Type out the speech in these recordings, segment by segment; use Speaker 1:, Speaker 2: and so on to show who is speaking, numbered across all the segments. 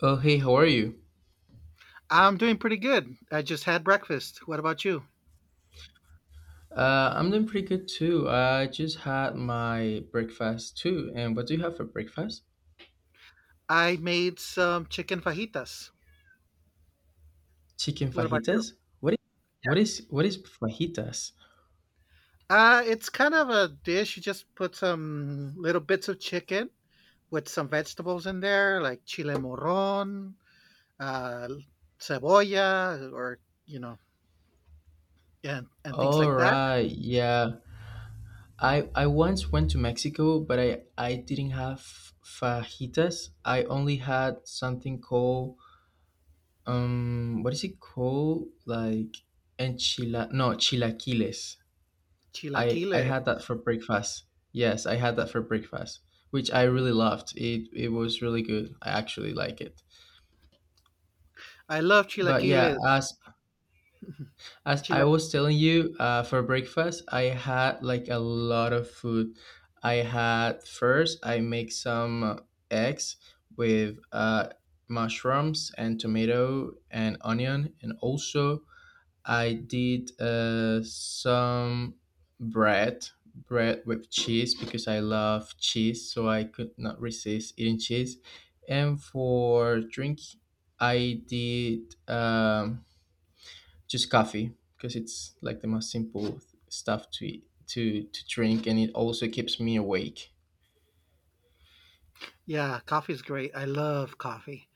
Speaker 1: Oh, hey, how are you?
Speaker 2: I'm doing pretty good. I just had breakfast. What about you?
Speaker 1: I'm doing pretty good too. I just had my breakfast too. And what do you have for breakfast?
Speaker 2: I made some chicken fajitas.
Speaker 1: Chicken
Speaker 2: What about you?
Speaker 1: fajitas? What is what is what is fajitas?
Speaker 2: It's kind of a dish. You just put some little bits of chicken with some vegetables in there, like chile morron, uh, cebolla, or, you know, and things
Speaker 1: All
Speaker 2: like that.
Speaker 1: right, yeah. I once went to Mexico, but I didn't have fajitas. I only had something called what is it called? Like enchila no, chilaquiles. I
Speaker 2: Chilaquiles.
Speaker 1: had that for breakfast. Yes, I had that for breakfast, which I really loved. It was really good. I actually like it.
Speaker 2: I love
Speaker 1: But yeah,
Speaker 2: chilaquiles.
Speaker 1: as I
Speaker 2: Chila-
Speaker 1: was telling you, for breakfast I had like a lot of food. I had first I make some eggs with mushrooms and tomato and onion, and also I did some bread, bread with cheese because I love cheese, so I could not resist eating cheese. And for drink, I did just coffee because it's like the most simple stuff to eat, to drink, and it also keeps me awake.
Speaker 2: yeah, coffee's great. I love coffee.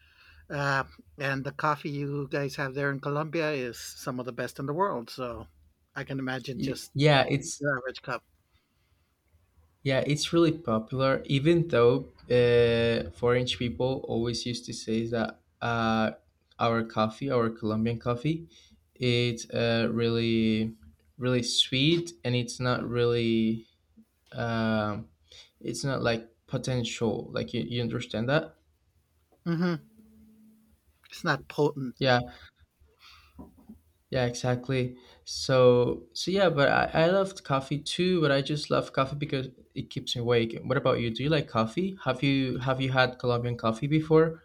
Speaker 2: Uh, and the coffee you guys have there in Colombia is some of the best in the world. So I can imagine
Speaker 1: Y-
Speaker 2: just
Speaker 1: yeah, it's
Speaker 2: your average cup.
Speaker 1: Yeah, it's really popular, even though foreign people always used to say that our coffee, our Colombian coffee, it's really, really sweet and it's not really, um, it's not like potential. Like, you understand that?
Speaker 2: Hmm. It's not potent.
Speaker 1: Yeah, yeah, exactly. So yeah, but I loved coffee too, but I just love coffee because it keeps me awake. What about you? Do you like coffee? Have you had Colombian coffee before?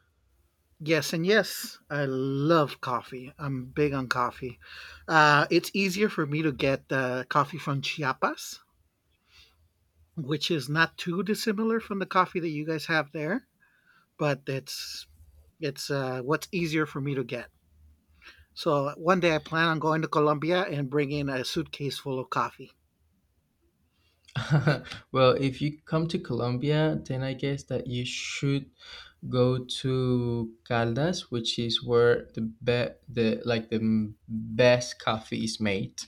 Speaker 2: Yes, and yes, I love coffee. I'm big on coffee. It's easier for me to get coffee from Chiapas, which is not too dissimilar from the coffee that you guys have there, but it's what's easier for me to get. So one day I plan on going to Colombia and bringing a suitcase full of coffee.
Speaker 1: Well, if you come to Colombia, then I guess that you should go to Caldas, which is where the like the best coffee is made,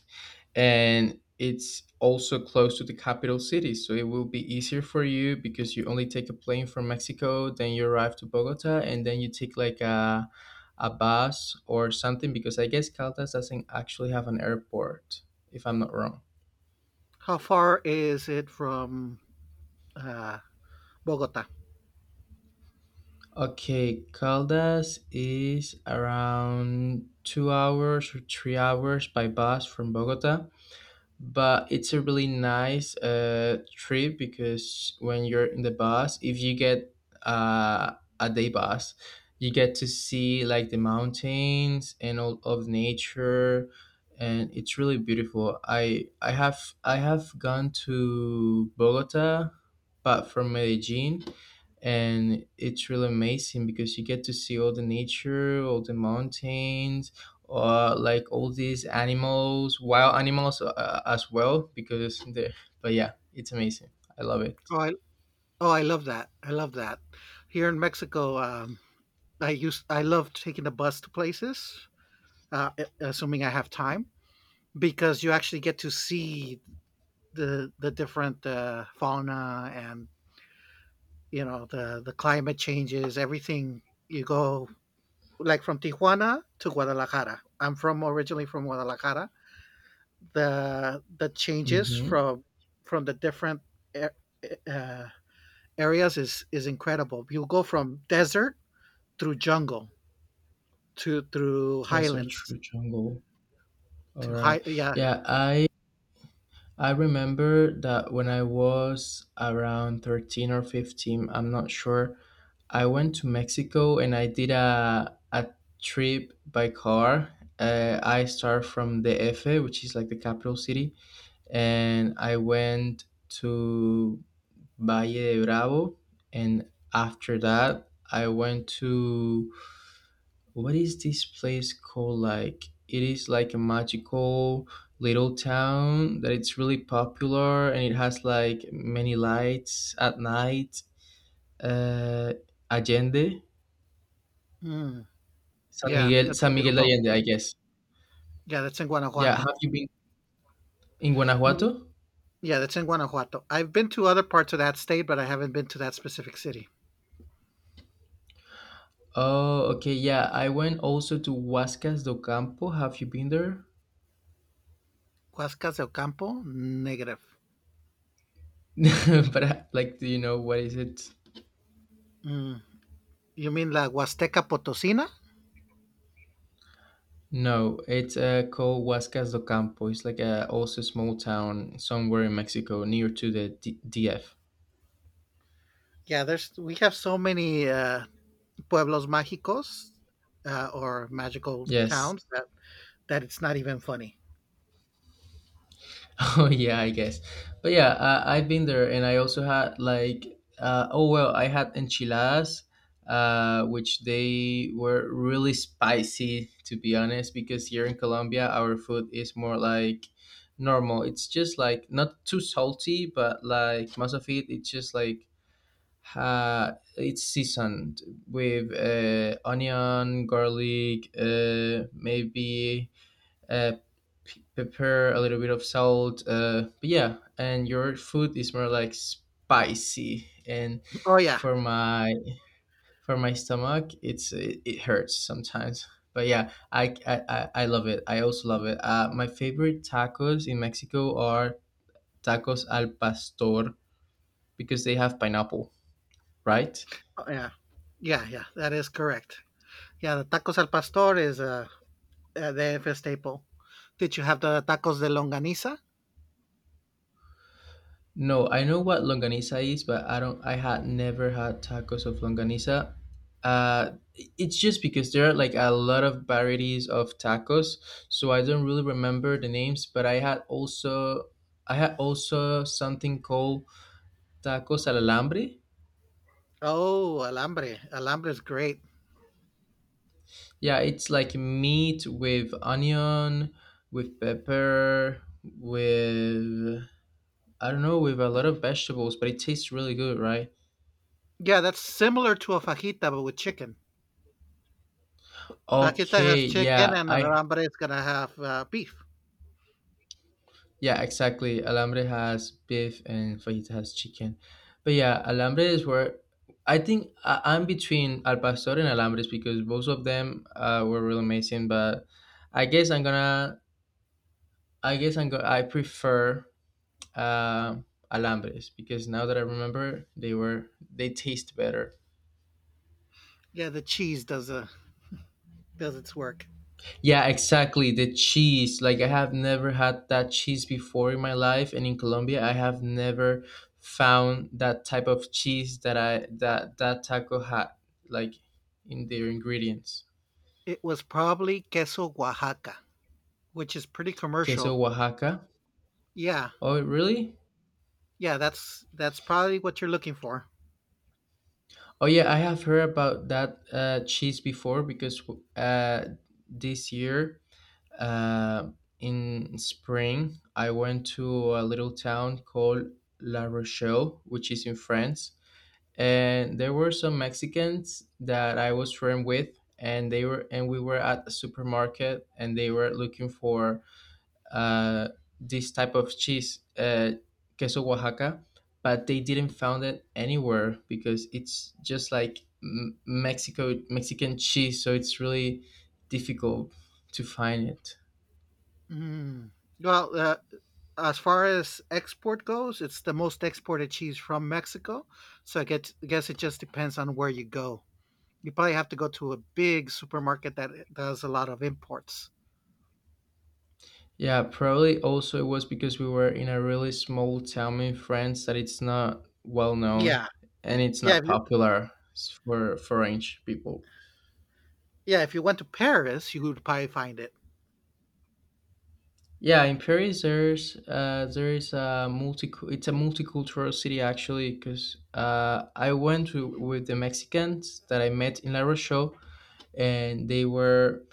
Speaker 1: and it's also close to the capital city, so it will be easier for you because you only take a plane from Mexico, then you arrive to Bogota, and then you take like a bus or something because I guess Caldas doesn't actually have an airport, if I'm not wrong.
Speaker 2: How far is it from uh, Bogota?
Speaker 1: Okay, Caldas is around 2 hours or 3 hours by bus from Bogota, but it's a really nice trip because when you're in the bus if you get uh, a day bus you get to see like the mountains and all of nature and it's really beautiful. I have I have gone to bogota but from medellin and it's really amazing because you get to see all the nature, all the mountains or like all these animals, wild animals as well, because they. But yeah, it's amazing. I love it.
Speaker 2: Oh, I, oh, I love that. I love that. Here in Mexico, I love taking the bus to places, uh, assuming I have time, because you actually get to see the different fauna and you know the climate changes, everything. You go like from Tijuana to Guadalajara. I'm from originally from Guadalajara, the changes
Speaker 1: Mm-hmm.
Speaker 2: from from the different a- uh, areas is incredible. You go from desert through jungle to through
Speaker 1: Desert
Speaker 2: highlands
Speaker 1: through jungle. All
Speaker 2: to high.
Speaker 1: right.
Speaker 2: Yeah.
Speaker 1: Yeah, I remember that when I was around 13 or 15, I'm not sure. I went to Mexico and I did a trip by car. I start from the DF, which is like the capital city, and I went to Valle de Bravo, and after that I went to what is this place called? Like it is like a magical little town that it's really popular and it has like many lights at night. Uh, Allende,
Speaker 2: mm,
Speaker 1: San
Speaker 2: yeah,
Speaker 1: Miguel,
Speaker 2: that's
Speaker 1: San Miguel de
Speaker 2: beautiful.
Speaker 1: Allende, I guess.
Speaker 2: Yeah, that's in
Speaker 1: Yeah,
Speaker 2: Guanajuato.
Speaker 1: have you been in
Speaker 2: Mm.
Speaker 1: Guanajuato?
Speaker 2: Yeah, that's in Guanajuato. I've been to other parts of that state, but I haven't been to that specific city.
Speaker 1: Oh, okay, yeah. I went also to Huascas do Campo. Have you been there?
Speaker 2: Huascas del Campo, negative.
Speaker 1: But like, do you know what is it?
Speaker 2: Mm. You mean La Huasteca Potosina?
Speaker 1: No, it's called Huascas do Campo. It's like a also small town somewhere in Mexico, near to the DF.
Speaker 2: Yeah, there's we have so many pueblos mágicos or magical
Speaker 1: Yes.
Speaker 2: towns that it's not even funny.
Speaker 1: Oh yeah, I guess. But yeah, I've been there, and I also had like, oh well, I had enchiladas, which they were really spicy, to be honest. Because here in Colombia, our food is more like normal. It's just like not too salty, but like most of it, it's just like it's seasoned with onion, garlic, maybe uh, pepper, a little bit of salt. But yeah, and your food is more like spicy. And
Speaker 2: Oh yeah,
Speaker 1: for my for my stomach, it hurts sometimes. But yeah, I love it. I also love it. My favorite tacos in Mexico are tacos al pastor because they have pineapple, right?
Speaker 2: oh, yeah, yeah, yeah. That is correct. Yeah, the tacos al pastor is a D F staple. Did you have the tacos de longaniza?
Speaker 1: No, I know what longaniza is, but I don't. I had never had tacos of longaniza. Uh, it's just because there are like a lot of varieties of tacos, so I don't really remember the names. But I had also something called tacos al alambre.
Speaker 2: Oh, alambre. Alambre is great.
Speaker 1: Yeah, it's like meat with onion, with pepper, with I don't know, with a lot of vegetables, but it tastes really good, right?
Speaker 2: Yeah, that's similar to a fajita but with chicken. Fajita has
Speaker 1: Okay,
Speaker 2: chicken,
Speaker 1: yeah,
Speaker 2: and an
Speaker 1: I
Speaker 2: alambre is gonna have beef.
Speaker 1: Yeah, exactly. Alambre has beef and fajita has chicken. But yeah, alambre is where I think I'm between al pastor and alambres because both of them were really amazing. But I guess I'm gonna, I guess I'm gonna, I prefer uh, alambres because now that I remember, they were they taste better.
Speaker 2: Yeah, the cheese does its work.
Speaker 1: Yeah, exactly. The cheese. Like I have never had that cheese before in my life and in Colombia I have never found that type of cheese that I that that taco had like in their ingredients.
Speaker 2: It was probably queso Oaxaca, which is pretty
Speaker 1: Queso
Speaker 2: commercial.
Speaker 1: Oaxaca.
Speaker 2: Yeah,
Speaker 1: Oh, really?
Speaker 2: yeah, that's probably what you're looking for.
Speaker 1: Oh yeah, I have heard about that cheese before because uh, this year uh, in spring I went to a little town called La Rochelle, which is in France and there were some Mexicans that I was friend with, and they were and we were at the supermarket, and they were looking for uh, this type of cheese, queso Oaxaca, but they didn't found it anywhere because it's just like Mexico Mexican cheese, so it's really difficult to find it.
Speaker 2: Mm. Well, as far as export goes, it's the most exported cheese from Mexico. So guess it just depends on where you go. You probably have to go to a big supermarket that does a lot of imports.
Speaker 1: Yeah, probably also it was because we were in a really small town in France that it's not well known
Speaker 2: Yeah,
Speaker 1: and it's
Speaker 2: yeah,
Speaker 1: not
Speaker 2: if you,
Speaker 1: popular for French people.
Speaker 2: yeah. If you went to Paris, you would probably find it.
Speaker 1: Yeah, in Paris there is a multi it's a multicultural city actually because I went to, with the Mexicans that I met in La Rochelle and they were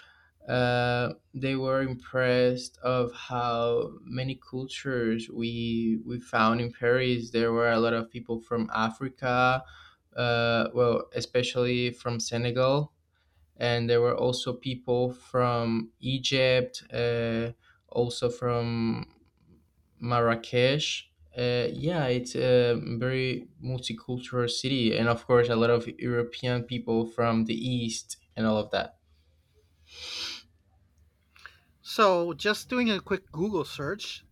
Speaker 1: uh, they were impressed of how many cultures we found in Paris. There were a lot of people from Africa, well, especially from Senegal, and there were also people from Egypt, also from Marrakesh. Yeah, it's a very multicultural city, and of course, a lot of European people from the east and all of that.
Speaker 2: So just doing a quick Google search,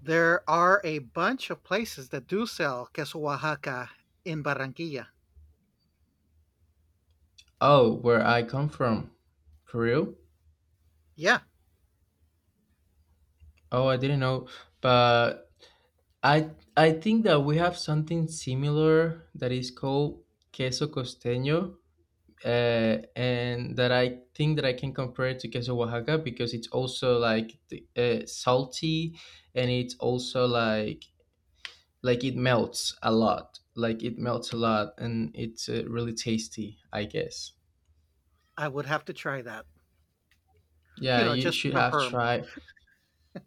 Speaker 2: there are a bunch of places that do sell queso Oaxaca in Barranquilla.
Speaker 1: Oh, where I come from. For real?
Speaker 2: Yeah,
Speaker 1: Oh, I didn't know. But I I think that we have something similar that is called queso costeño. And that I think that I can compare it to queso Oaxaca because it's also like salty and it's also like it melts a lot. Like it melts a lot and it's really tasty, I guess.
Speaker 2: I would have to try that. You
Speaker 1: Yeah,
Speaker 2: know,
Speaker 1: you
Speaker 2: just to
Speaker 1: should have
Speaker 2: confirm,
Speaker 1: tried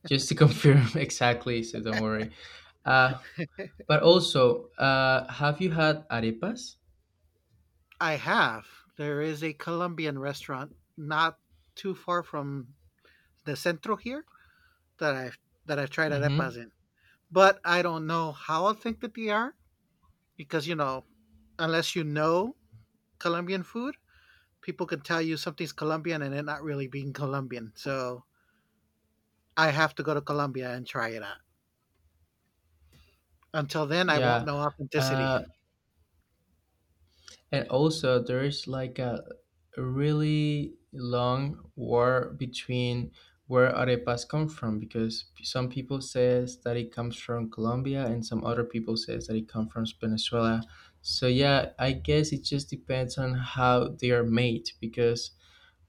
Speaker 1: just to confirm exactly, so don't worry. Uh, have you had arepas?
Speaker 2: I have. There is a Colombian restaurant not too far from the centro here that I've that I've tried
Speaker 1: Mm-hmm.
Speaker 2: arepas in. But I don't know how authentic they are because you know, unless you know Colombian food, people can tell you something's Colombian and it not really being Colombian. So I have to go to Colombia and try it out. Until then, I won't
Speaker 1: Yeah.
Speaker 2: know authenticity.
Speaker 1: Uh, and also, there's like a really long war between where arepas come from because some people says that it comes from Colombia and some other people says that it comes from Venezuela. So yeah, I guess it just depends on how they are made because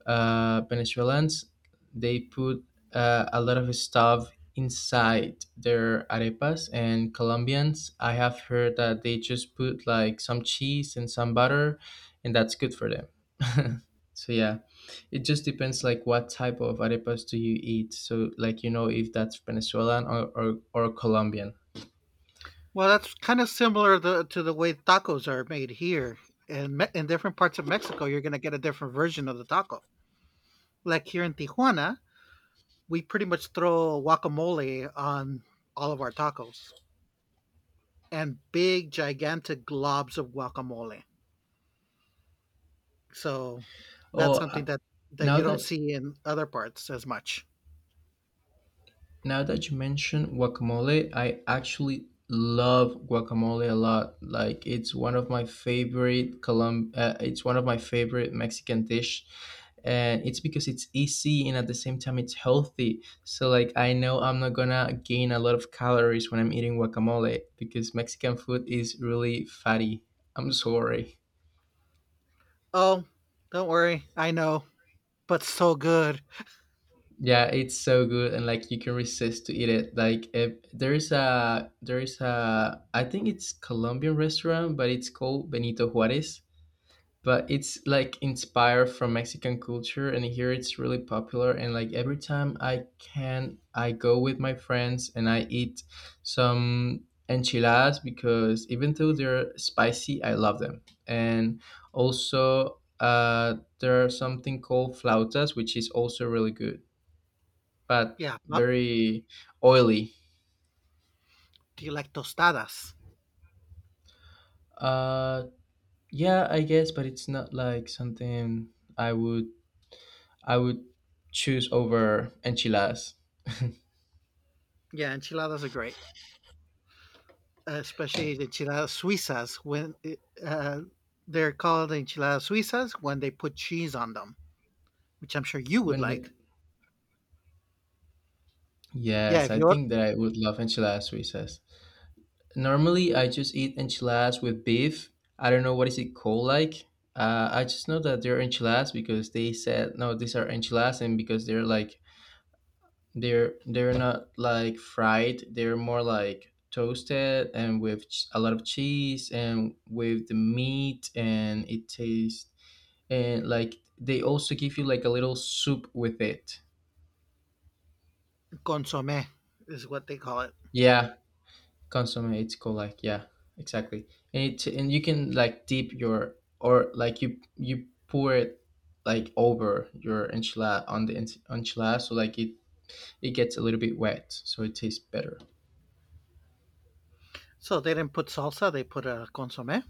Speaker 1: Venezuelans, they put a lot of stuff inside their arepas. And Colombians, I have heard that they just put like some cheese and some butter, and that's good for them. so yeah, it just depends like what type of arepas do you eat. So like you know if that's Venezuelan or or Colombian.
Speaker 2: Well, that's kind of similar the to the way tacos are made here. In different parts of Mexico, you're gonna get a different version of the taco. Like here in Tijuana, we pretty much throw guacamole on all of our tacos and big, gigantic globs of guacamole. So that's
Speaker 1: Oh,
Speaker 2: something
Speaker 1: uh,
Speaker 2: that
Speaker 1: now
Speaker 2: you don't
Speaker 1: that
Speaker 2: see in other parts as much.
Speaker 1: Now that you mention guacamole, I actually love guacamole a lot. Like it's one of my favorite it's one of my favorite Mexican dish. And it's because it's easy and at the same time it's healthy. So like I know I'm not gonna gain a lot of calories when I'm eating guacamole because Mexican food is really fatty. I'm sorry.
Speaker 2: Oh, don't worry, I know, but so good.
Speaker 1: Yeah, it's so good and like you can resist to eat it. Like if there is a I think it's Colombian restaurant, but it's called Benito Juarez. But it's like inspired from Mexican culture and here it's really popular and like every time I can I go with my friends and I eat some enchiladas because even though they're spicy, I love them. And also there are something called flautas which is also really good but
Speaker 2: Yeah. Well,
Speaker 1: very oily.
Speaker 2: do you like tostadas?
Speaker 1: Uh, yeah, I guess, but it's not like something I would I would choose over enchiladas.
Speaker 2: Yeah, enchiladas are great, especially the enchiladas suizas when they're called enchiladas suizas when they put cheese on them, which I'm sure you would
Speaker 1: When the,
Speaker 2: like. Yeah,
Speaker 1: yes,
Speaker 2: if
Speaker 1: I
Speaker 2: you're
Speaker 1: think that I would love enchiladas Suizas. Normally, I just eat enchiladas with beef. I don't know what is it called like. I just know that they're enchiladas because they said no, these are enchiladas, and because they're like they're not like fried. They're more like toasted and with a lot of cheese and with the meat and it tastes and like they also give you like a little soup with it.
Speaker 2: consomme is what they call it.
Speaker 1: Yeah, consomme it's called like yeah, exactly. And it and you can like dip your or like you pour it like over your enchilada on the enchilada so like it gets a little bit wet so it tastes better.
Speaker 2: So they didn't put salsa; they put a consomme.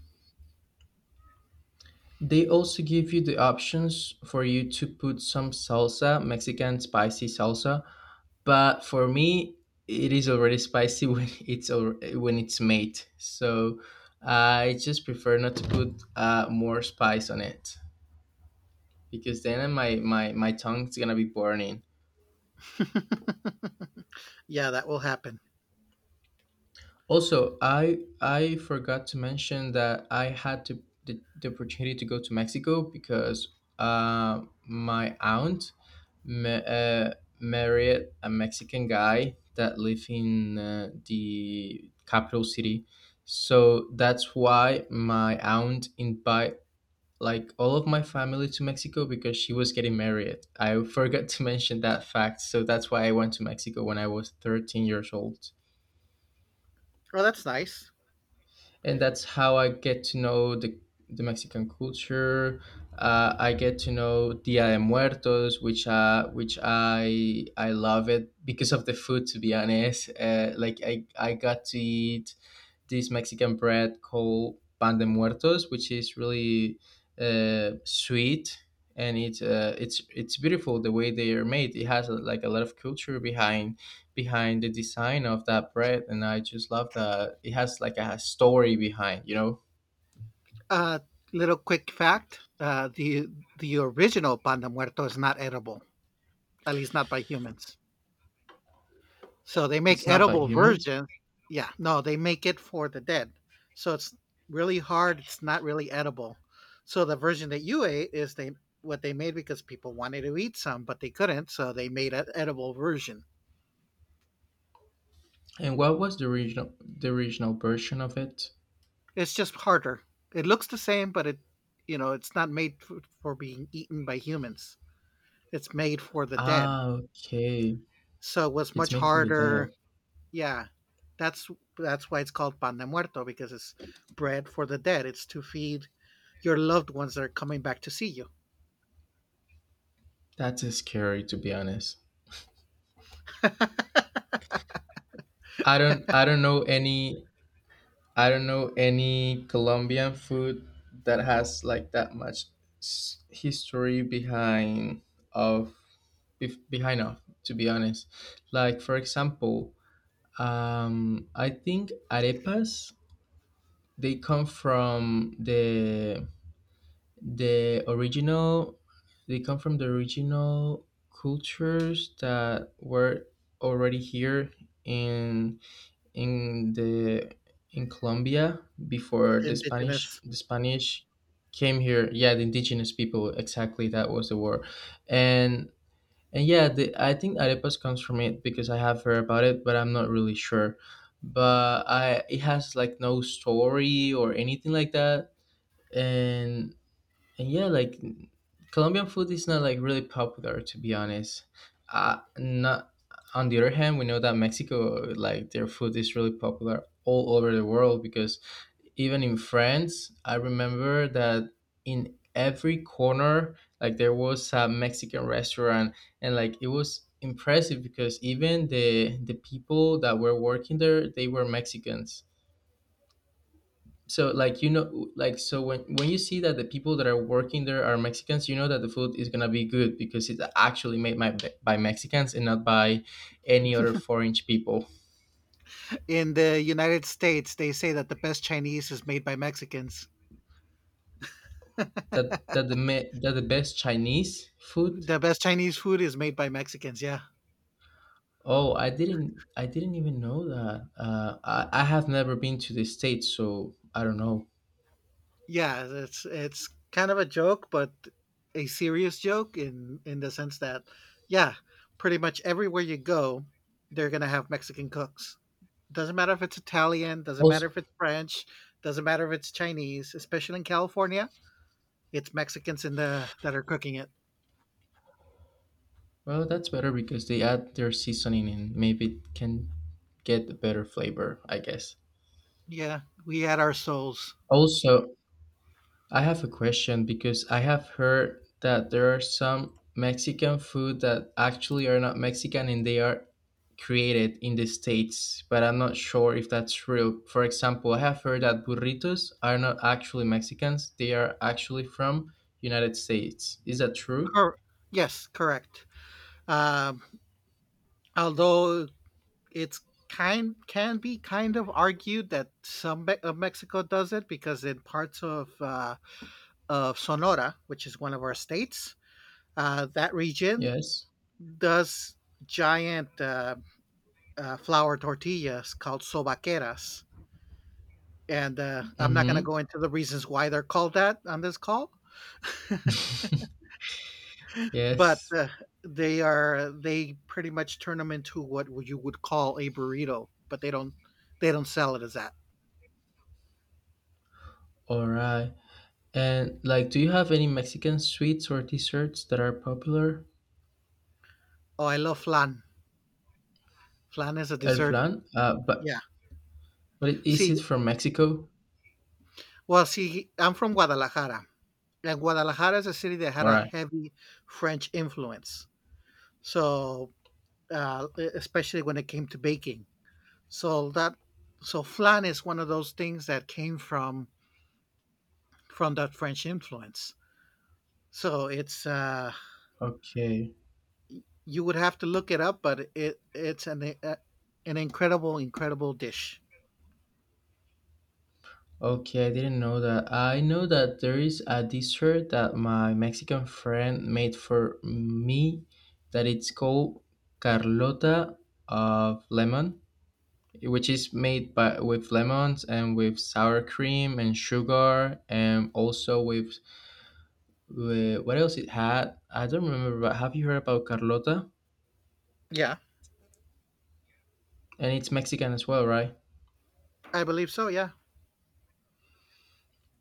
Speaker 1: They also give you the options for you to put some salsa, Mexican spicy salsa, but for me it is already spicy when when it's made. So I just prefer not to put more spice on it because then my tongue's gonna be burning.
Speaker 2: Yeah, that will happen.
Speaker 1: Also, I forgot to mention that I had to the opportunity to go to Mexico because my aunt ma- uh, married a Mexican guy that lived in the capital city. So that's why my aunt invite like all of my family to Mexico because she was getting married. I forgot to mention that fact. So that's why I went to Mexico when I was 13 years old.
Speaker 2: Well, that's nice.
Speaker 1: And that's how I get to know the Mexican culture. I get to know Dia de Muertos, which I love it because of the food. To be honest, like I got to eat this Mexican bread called pan de muertos, which is really sweet and it's beautiful the way they are made. It has like a lot of culture behind behind the design of that bread and I just love that it has like a story behind.
Speaker 2: Uh, little quick fact: the original pan de muerto is not edible, at least not by humans. So they make
Speaker 1: It's not by
Speaker 2: edible
Speaker 1: humans.
Speaker 2: versions. Yeah, no, they make it for the dead. So it's really hard. It's not really edible. So the version that you ate is they what they made because people wanted to eat some, but they couldn't. So they made an edible version.
Speaker 1: And what was the original version of it?
Speaker 2: It's just harder. It looks the same, but it you know it's not made for being eaten by humans. It's made for the dead.
Speaker 1: Ah, okay.
Speaker 2: So it was
Speaker 1: It's
Speaker 2: much
Speaker 1: made for the dead.
Speaker 2: harder. Yeah, that's that's why it's called pan de muerto because it's bread for the dead. It's to feed your loved ones that are coming back to see you.
Speaker 1: That's scary to be honest. I don't I don't know any I don't know any colombian food that has like that much history behind of behind of to be honest. Like for example, I think arepas they come from the original they come from the original cultures that were already here in in the in Colombia before the Spanish
Speaker 2: Indigenous.
Speaker 1: the Spanish came here. Yeah, the indigenous people, exactly, that was the word. And and yeah, the, I think arepas comes from it because I have heard about it, but I'm not really sure. But I it has like no story or anything like that. And and yeah, like Colombian food is not like really popular to be honest. Not On the other hand, we know that Mexico like their food is really popular all over the world because even in France, I remember that in every corner, like there was a Mexican restaurant, and like it was impressive because even the people that were working there, they were Mexicans. So like you know, like so when you see that the people that are working there are Mexicans, you know that the food is gonna be good because it's actually made by Mexicans and not by any other foreign people.
Speaker 2: In the United States, they say that the best Chinese is made by Mexicans.
Speaker 1: That that the me, that the best Chinese food.
Speaker 2: The best Chinese food is made by Mexicans. Yeah,
Speaker 1: Oh, I didn't even know that. I have never been to the States, so I don't know.
Speaker 2: yeah. It's kind of a joke, but a serious joke in the sense that yeah, pretty much everywhere you go, they're gonna have Mexican cooks. Doesn't matter if it's Italian, doesn't matter
Speaker 1: Also,
Speaker 2: if it's French, doesn't matter if it's Chinese, especially in California. It's Mexicans in the that are cooking it.
Speaker 1: well, that's better because they add their seasoning and maybe it can get a better flavor, I guess.
Speaker 2: Yeah, we had our souls.
Speaker 1: Also, I have a question because I have heard that there are some Mexican food that actually are not Mexican and they are created in the States, but I'm not sure if that's true. For example, I have heard that burritos are not actually Mexicans, they are actually from United States. Is that true?
Speaker 2: Cor- yes, correct. Um, although it's kind can be kind of argued that of Mexico does it because in parts of Sonora, which is one of our states, that region
Speaker 1: Yes.
Speaker 2: does giant flour tortillas called sobaqueras and I'm not going
Speaker 1: Mm-hmm.
Speaker 2: to go into the reasons why they're called that on this call, but
Speaker 1: Yes.
Speaker 2: they pretty much turn them into what you would call a burrito, but they don't sell it as that.
Speaker 1: All right. And like, do you have any Mexican sweets or desserts that are popular?
Speaker 2: Oh, I love flan. Flan is a
Speaker 1: El
Speaker 2: dessert.
Speaker 1: flan? But
Speaker 2: Yeah.
Speaker 1: But is
Speaker 2: See,
Speaker 1: it from Mexico?
Speaker 2: well, see, I'm from Guadalajara, and Guadalajara is a city that had
Speaker 1: All
Speaker 2: a
Speaker 1: right.
Speaker 2: heavy French influence. So, especially when it came to baking, so that so flan is one of those things that came from that French influence. So it's
Speaker 1: Okay.
Speaker 2: you would have to look it up, but it's an incredible, incredible dish.
Speaker 1: Okay, I didn't know that. I know that there is a dessert that my Mexican friend made for me that it's called Carlota of lemon, which is made by with lemons and with sour cream and sugar and also with what else it had? I don't remember, but have you heard about Carlota?
Speaker 2: Yeah.
Speaker 1: And it's Mexican as well, right?
Speaker 2: I believe so. Yeah.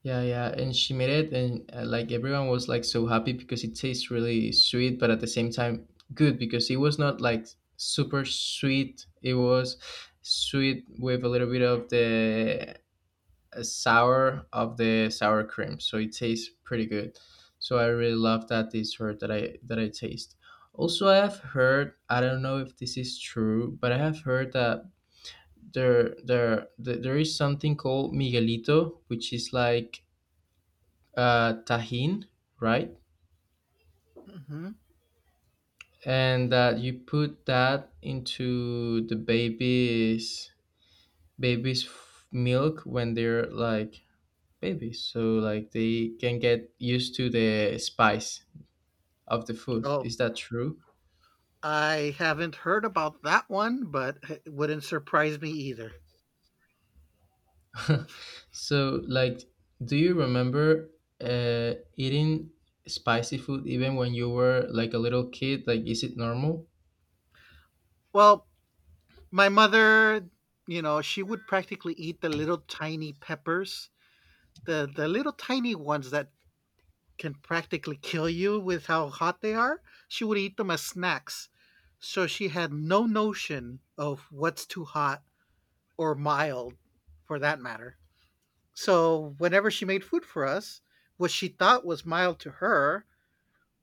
Speaker 1: Yeah, yeah, and she made it, and like everyone was like so happy because it tastes really sweet, but at the same time good because it was not like super sweet. It was sweet with a little bit of the sour of the sour cream, so it tastes pretty good. So I really love that dessert that I taste. Also, I have heard I don't know if this is true, but I have heard that there is something called Miguelito, which is like tahin, right?
Speaker 2: Hmm.
Speaker 1: And that you put that into the baby's milk when they're like babies, so like they can get used to the spice of the food.
Speaker 2: Oh,
Speaker 1: Is that true?
Speaker 2: I haven't heard about that one, but it wouldn't surprise me either.
Speaker 1: So like, do you remember eating spicy food even when you were like a little kid? Like, is it normal?
Speaker 2: Well, my mother, you know, she would practically eat the little tiny peppers, the little tiny ones that can practically kill you with how hot they are, she would eat them as snacks. So she had no notion of what's too hot or mild for that matter. So whenever she made food for us, what she thought was mild to her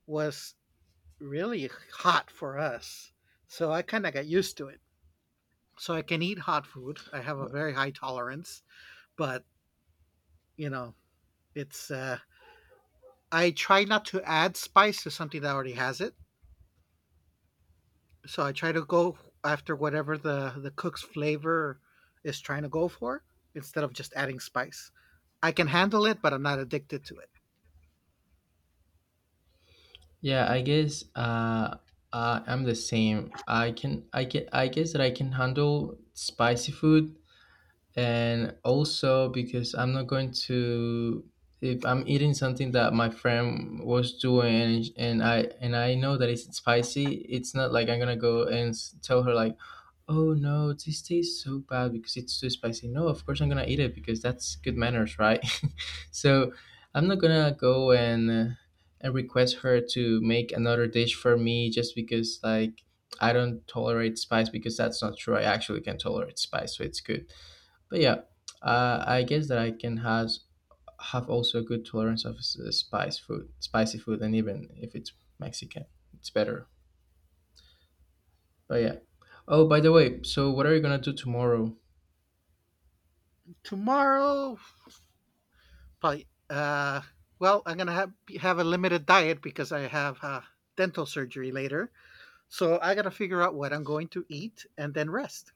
Speaker 2: was really hot for us. So I kind of got used to it. So I can eat hot food. I have a very high tolerance, but you know, it's I try not to add spice to something that already has it. So I try to go after whatever the cook's flavor is trying to go for instead of just adding spice. I can handle it, but I'm not addicted to it.
Speaker 1: Yeah, I guess I'm the same. I guess that I can handle spicy food, and also because I'm not going to if I'm eating something that my friend was doing and I know that it's spicy, it's not like I'm gonna go and tell her like, oh no, this tastes so bad because it's too spicy. No, of course I'm gonna eat it because that's good manners, right? So I'm not gonna go and request her to make another dish for me just because like I don't tolerate spice because that's not true. I actually can tolerate spice, so it's good, but yeah, I guess that I can has have also a good tolerance of spicy food, and even if it's Mexican, it's better. But yeah. Oh, by the way, so what are you gonna do tomorrow?
Speaker 2: Tomorrow, probably, well, I'm gonna have a limited diet because I have dental surgery later. So I gotta figure out what I'm going to eat and then rest.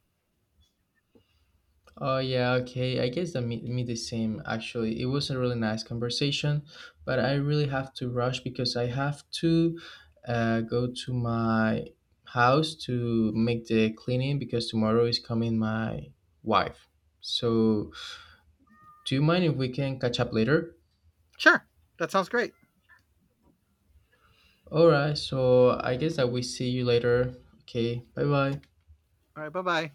Speaker 1: Oh yeah, okay. I guess that me the same actually. It was a really nice conversation, but I really have to rush because I have to go to my house to make the cleaning because tomorrow is coming my wife. So, do you mind if we can catch up later?
Speaker 2: Sure, that sounds great.
Speaker 1: All right, so I guess that we see you later. Okay, bye bye.
Speaker 2: All right, bye bye.